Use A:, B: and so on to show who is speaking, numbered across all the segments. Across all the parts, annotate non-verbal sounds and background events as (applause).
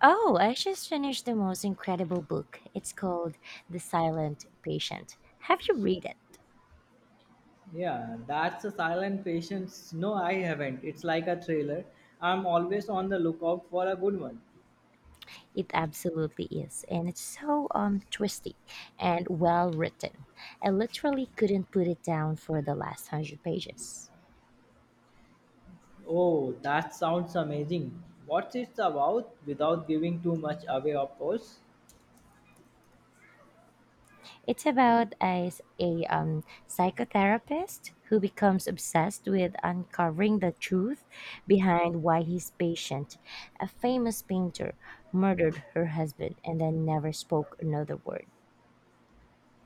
A: Oh, I just finished the most incredible book. It's called The Silent Patient. Have you read it?
B: Yeah, that's a silent patience. No, I haven't. It's like a thriller. I'm always on the lookout for a good one.
A: It absolutely is, and it's so twisty and well written. I literally couldn't put it down for the last 100 pages.
B: Oh, that sounds amazing. What's it about without giving too much away, of course?
A: It's about a psychotherapist who becomes obsessed with uncovering the truth behind why his patient, a famous painter, murdered her husband and then never spoke another word.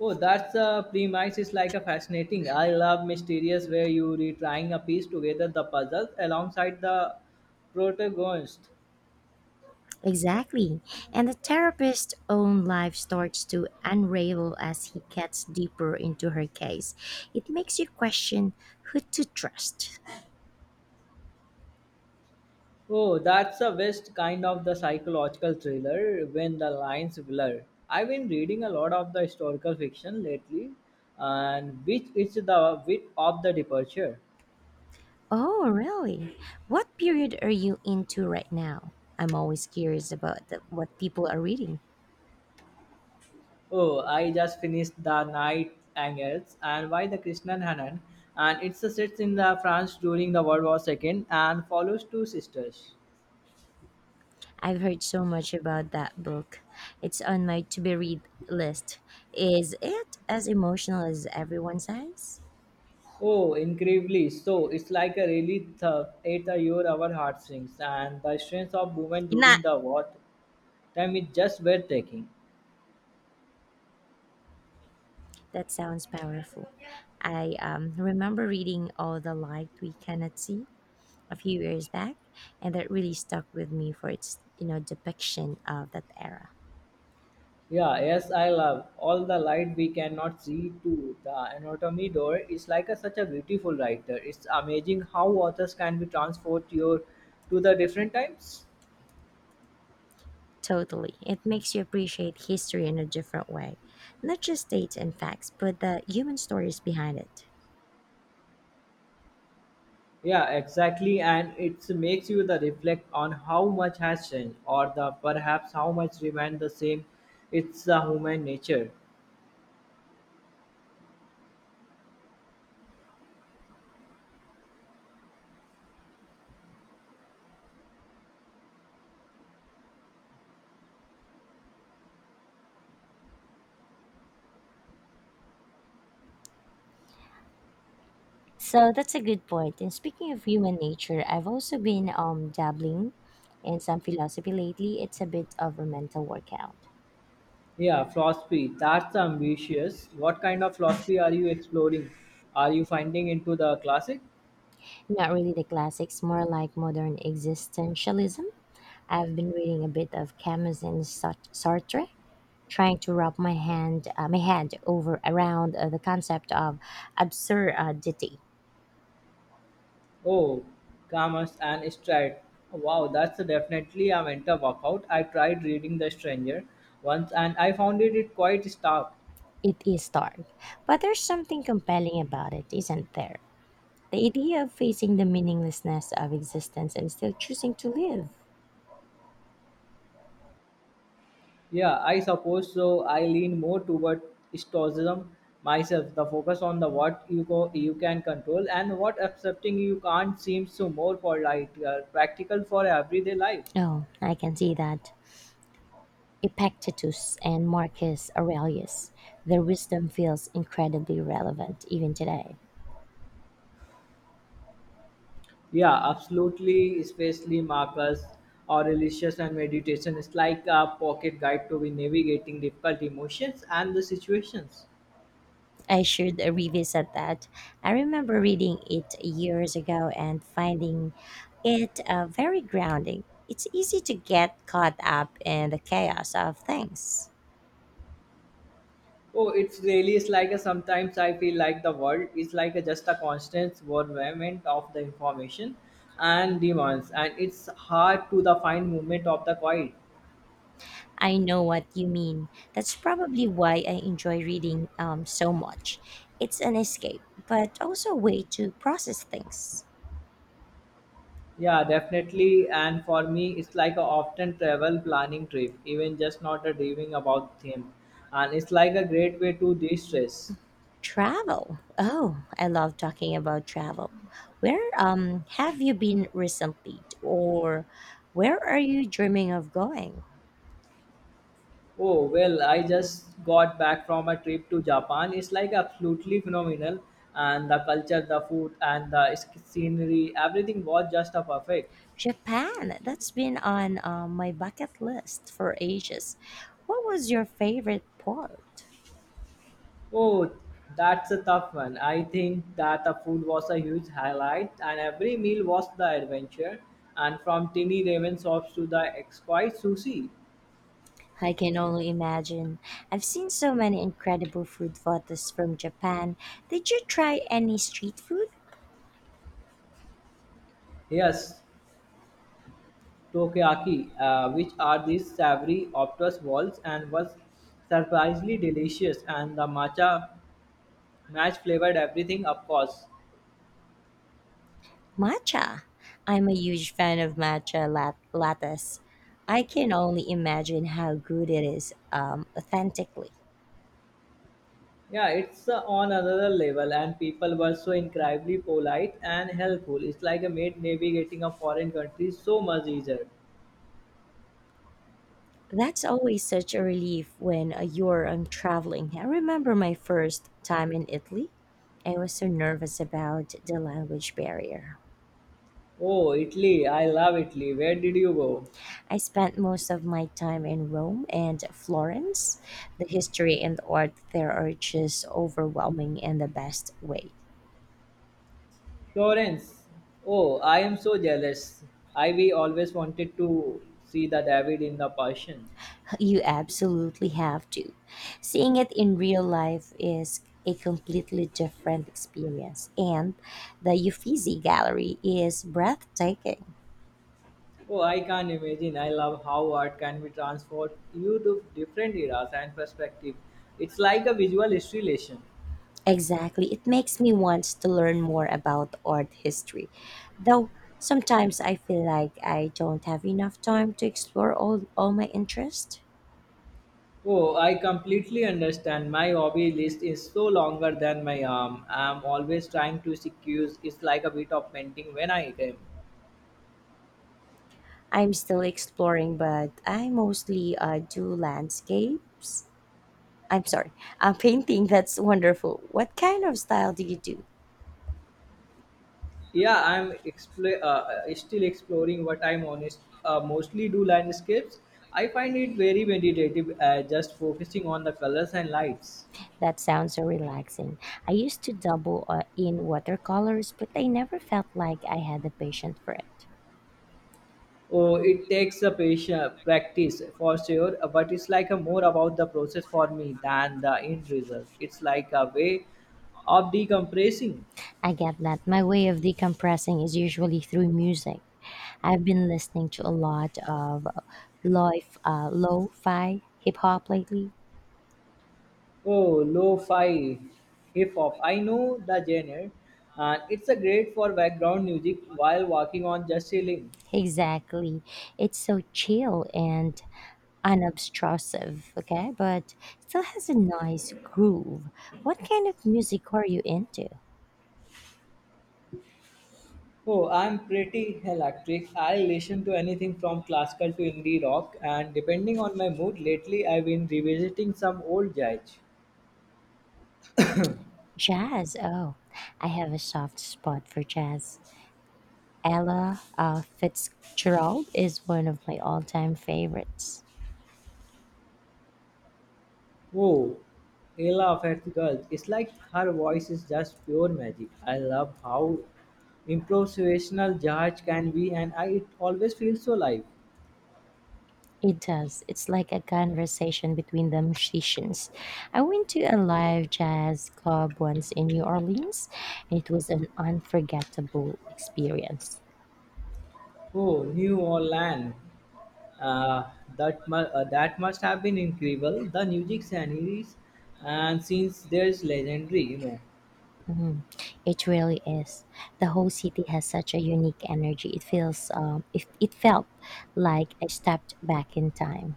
B: Oh, that's a premise is like a fascinating. I love mysterious where you retrying a piece together the puzzle alongside the protagonist.
A: Exactly. And the therapist's own life starts to unravel as he gets deeper into her case. It makes you question who to trust.
B: Oh, that's the best kind of the psychological thriller when the lines blur. I've been reading a lot of the historical fiction lately, and which is the bit of the departure.
A: Oh, really? What period are you into right now? I'm always curious about what people are reading.
B: Oh, I just finished The Night Angels and by the Krishnan Hanan, and it's a sets in the France during the World War II and follows two sisters.
A: I've heard so much about that book. It's on my to be read list. Is it as emotional as everyone says?
B: Oh, incredibly. So it's like a really 8 year our heartstrings and the strength of women
A: Not.
B: during the war time is just breathtaking.
A: That sounds powerful. I remember reading All the Light We Cannot See a few years back, and that really stuck with me for its depiction of that era.
B: Yeah, yes, I love all the light we cannot see too. The anatomy door is like a, such a beautiful writer. It's amazing how authors can be transport your to the different times.
A: Totally. It makes you appreciate history in a different way, not just dates and facts, but the human stories behind it.
B: Yeah, exactly, and it makes you the reflect on how much has changed, or the perhaps how much remained the same. It's the human nature.
A: So that's a good point. And speaking of human nature, I've also been dabbling in some philosophy lately. It's a bit of a mental workout.
B: Yeah, philosophy. That's ambitious. What kind of philosophy are you exploring? Are you finding into the classic?
A: Not really the classics, more like modern existentialism. I've been reading a bit of Camus and Sartre, trying to wrap my head over around the concept of absurdity.
B: Oh, calmers and stride. Wow, that's definitely a mental workout. I tried reading The Stranger once and I found it quite stark.
A: It is dark, but there's something compelling about it, isn't there? The idea of facing the meaninglessness of existence and still choosing to live.
B: Yeah, I suppose so. I lean more toward stoicism myself. The focus on the what you go, you can control and what accepting you can't seems so more polite, practical for everyday life.
A: Oh, I can see that. Epictetus and Marcus Aurelius, their wisdom feels incredibly relevant even today.
B: Yeah, absolutely. Especially Marcus Aurelius and meditation is like a pocket guide to be navigating difficult emotions and the situations.
A: I should revisit that. I remember reading it years ago and finding it very grounding. It's easy to get caught up in the chaos of things.
B: Oh, it's really is like a sometimes I feel like the world is like a, just a constant bombardment of the information and demands, and it's hard to the fine movement of the quiet.
A: I know what you mean. That's probably why I enjoy reading so much. It's an escape, but also a way to process things.
B: Yeah, definitely. And for me, it's like a often travel planning trip, even just not a dreaming about them, and it's like a great way to de-stress.
A: Travel. Oh, I love talking about travel. Where have you been recently, or where are you dreaming of going?
B: Oh, well, I just got back from a trip to Japan. It's like absolutely phenomenal. And the culture, the food, and the scenery, everything was just a perfect.
A: Japan, that's been on my bucket list for ages. What was your favorite port?
B: Oh, that's a tough one. I think that the food was a huge highlight, and every meal was the adventure. And from tiny ramen shops to the exquisite sushi.
A: I can only imagine. I've seen so many incredible food photos from Japan. Did you try any street food?
B: Yes, Tokiaki, which are these savory obtuse balls and was surprisingly delicious and the matcha match flavored everything of course.
A: Matcha. I'm a huge fan of matcha lattes. I can only imagine how good it is authentically.
B: Yeah, it's on another level, and people were so incredibly polite and helpful. It's like a made navigating a foreign country so much easier.
A: That's always such a relief when you're traveling. I remember my first time in Italy. I was so nervous about the language barrier.
B: Oh, Italy, I love Italy. Where did you go?
A: I spent most of my time in Rome and Florence. The history and art there are just overwhelming in the best way.
B: Florence. Oh, I am so jealous. I we always wanted to see the David in the passion.
A: You absolutely have to. Seeing it in real life is a completely different experience, and the Uffizi Gallery is breathtaking.
B: Oh, I can't imagine. I love how art can be transport you to different eras and perspective. It's like a visual history lesson.
A: Exactly. It makes me want to learn more about art history. Though sometimes I feel like I don't have enough time to explore all my interests.
B: Oh, I completely understand. My hobby list is so longer than my arm. I'm always trying to excuse. It's like a bit of painting when I came.
A: I'm still exploring, but I mostly do landscapes. I'm sorry, (laughs) I'm painting. That's wonderful. What kind of style do you do?
B: Yeah, I'm still exploring what I'm honest. Mostly do landscapes. I find it very meditative, just focusing on the colors and lights.
A: That sounds so relaxing. I used to double in watercolors, but I never felt like I had the patience for it.
B: Oh, it takes a patient practice for sure, but it's like a more about the process for me than the end result. It's like a way of decompressing.
A: I get that. My way of decompressing is usually through music. I've been listening to a lot of lo-fi hip hop lately.
B: Oh, lo-fi hip-hop. I know the genre, and it's a great for background music while walking on just chilling.
A: Exactly. It's so chill and unobtrusive, okay? But still has a nice groove. What kind of music are you into?
B: Oh, I'm pretty electric. I listen to anything from classical to indie rock, and depending on my mood, lately I've been revisiting some old jazz.
A: Jazz. Oh, I have a soft spot for jazz. Ella Fitzgerald is one of my all-time favorites.
B: Oh, Ella Fitzgerald. It's like her voice is just pure magic. I love how improvisational jazz can be, and it always feels so live.
A: It does. It's like a conversation between the musicians. I went to a live jazz club once in New Orleans, and it was an unforgettable experience.
B: Oh, New Orleans. uh, that must have been incredible. The music sceneries and scenes there's legendary.
A: It really is. The whole city has such a unique energy. It feels, it felt like I stepped back in time.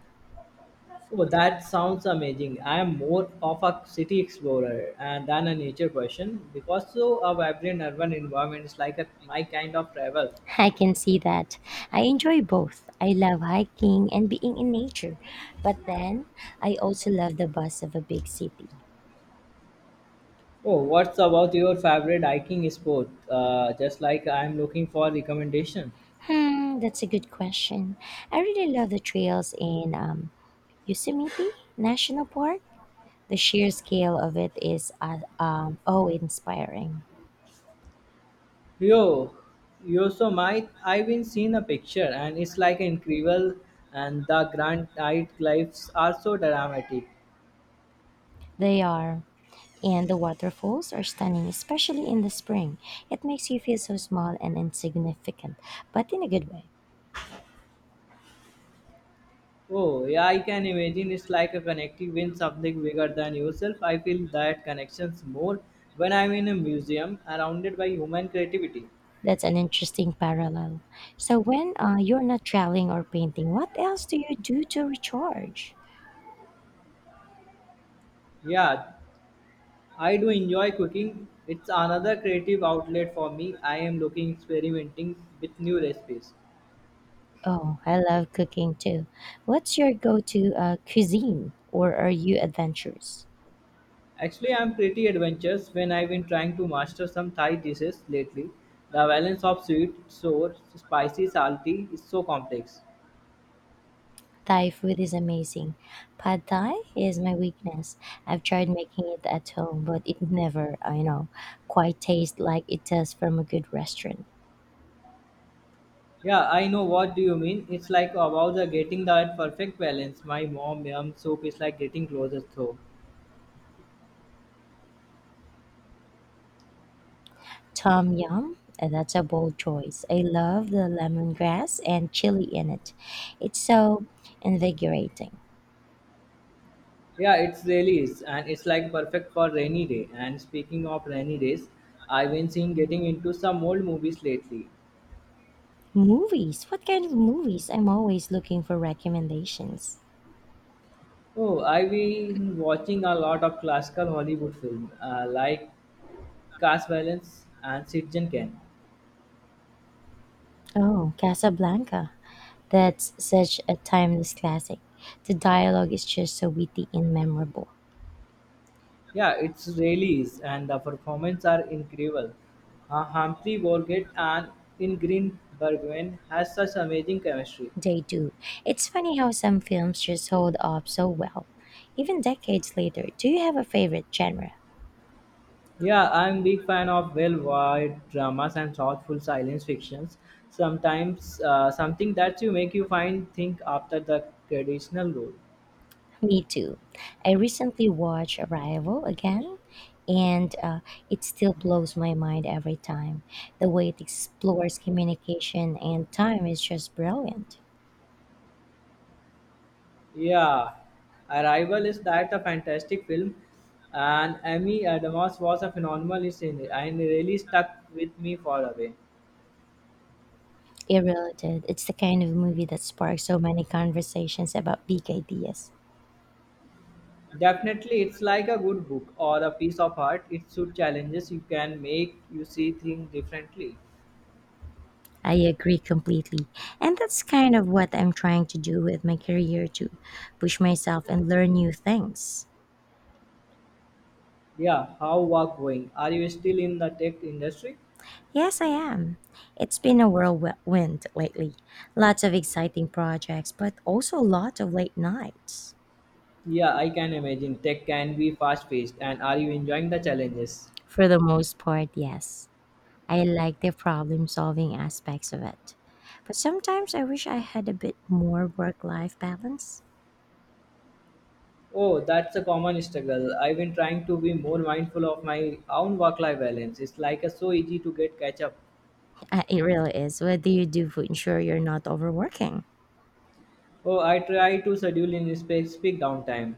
B: Oh, that sounds amazing. I am more of a city explorer and than a nature person because so a vibrant urban environment is like a, my kind of travel.
A: (laughs) I can see that. I enjoy both. I love hiking and being in nature, but then I also love the buzz of a big city.
B: Oh, what's about your favorite hiking sport? Just like I'm looking for recommendation.
A: Hmm, that's a good question. I really love the trails in Yosemite National Park. The sheer scale of it is oh inspiring.
B: Yo, yo, so my I've been seeing a picture and it's like incredible, and the granite cliffs are so dramatic.
A: They are, and the waterfalls are stunning, especially in the spring. It makes you feel so small and insignificant, but in a good way.
B: Oh yeah, I can imagine it's like a connecting with something bigger than yourself. I feel that connections more when I'm in a museum surrounded by human creativity.
A: That's an interesting parallel. So, when you're not traveling or painting, what else do you do to recharge?
B: Yeah, I do enjoy cooking. It's another creative outlet for me. I am looking experimenting with new recipes.
A: Oh, I love cooking too. What's your go to cuisine or are you adventurous?
B: Actually, I'm pretty adventurous when I've been trying to master some Thai dishes lately. The balance of sweet, sour, spicy, salty is so complex.
A: Thai food is amazing. Pad Thai is my weakness. I've tried making it at home, but it never, I know, quite tastes like it does from a good restaurant.
B: Yeah, I know what do you mean. It's like about the getting that perfect balance. My mom yum soup is like getting closer though.
A: Tom Yum, that's a bold choice. I love the lemongrass and chili in it. It's so invigorating.
B: Yeah, it's really is, and it's like perfect for rainy day. And speaking of rainy days, I've been seeing getting into some old movies lately.
A: Movies, what kind of movies? I'm always looking for recommendations.
B: Oh, I've been watching a lot of classical Hollywood film, like caste violence and citizen can.
A: Oh, Casablanca. That's such a timeless classic. The dialogue is just so witty and memorable.
B: Yeah, it's really is, and the performance are incredible. Humphrey Bogart and Ingrid Bergman has such amazing chemistry.
A: They do. It's funny how some films just hold up so well. Even decades later, do you have a favorite genre?
B: Yeah, I'm big fan of well-wide dramas and thoughtful science fictions. Sometimes something that you make you find think after the traditional role.
A: Me too. I recently watched Arrival again, and it still blows my mind every time. The way it explores communication and time is just brilliant.
B: Yeah, Arrival is that a fantastic film, and Amy Adams was a phenomenal in it and really stuck with me for a way.
A: It really did. It's the kind of movie that sparks so many conversations about big ideas.
B: Definitely, it's like a good book or a piece of art. It should challenges you can make you see things differently.
A: I agree completely. And that's kind of what I'm trying to do with my career to push myself and learn new things.
B: Yeah, how work going? Are you still in the tech industry?
A: Yes, I am. It's been a whirlwind lately. Lots of exciting projects, but also a lot of late nights.
B: Yeah, I can imagine tech can be fast paced, and are you enjoying the challenges?
A: For the most part, yes. I like the problem solving aspects of it. But sometimes I wish I had a bit more work life balance.
B: Oh, that's a common struggle. I've been trying to be more mindful of my own work-life balance. It's like a, so easy to get catch up.
A: It really is. What do you do to ensure you're not overworking?
B: Oh, I try to schedule in specific downtime.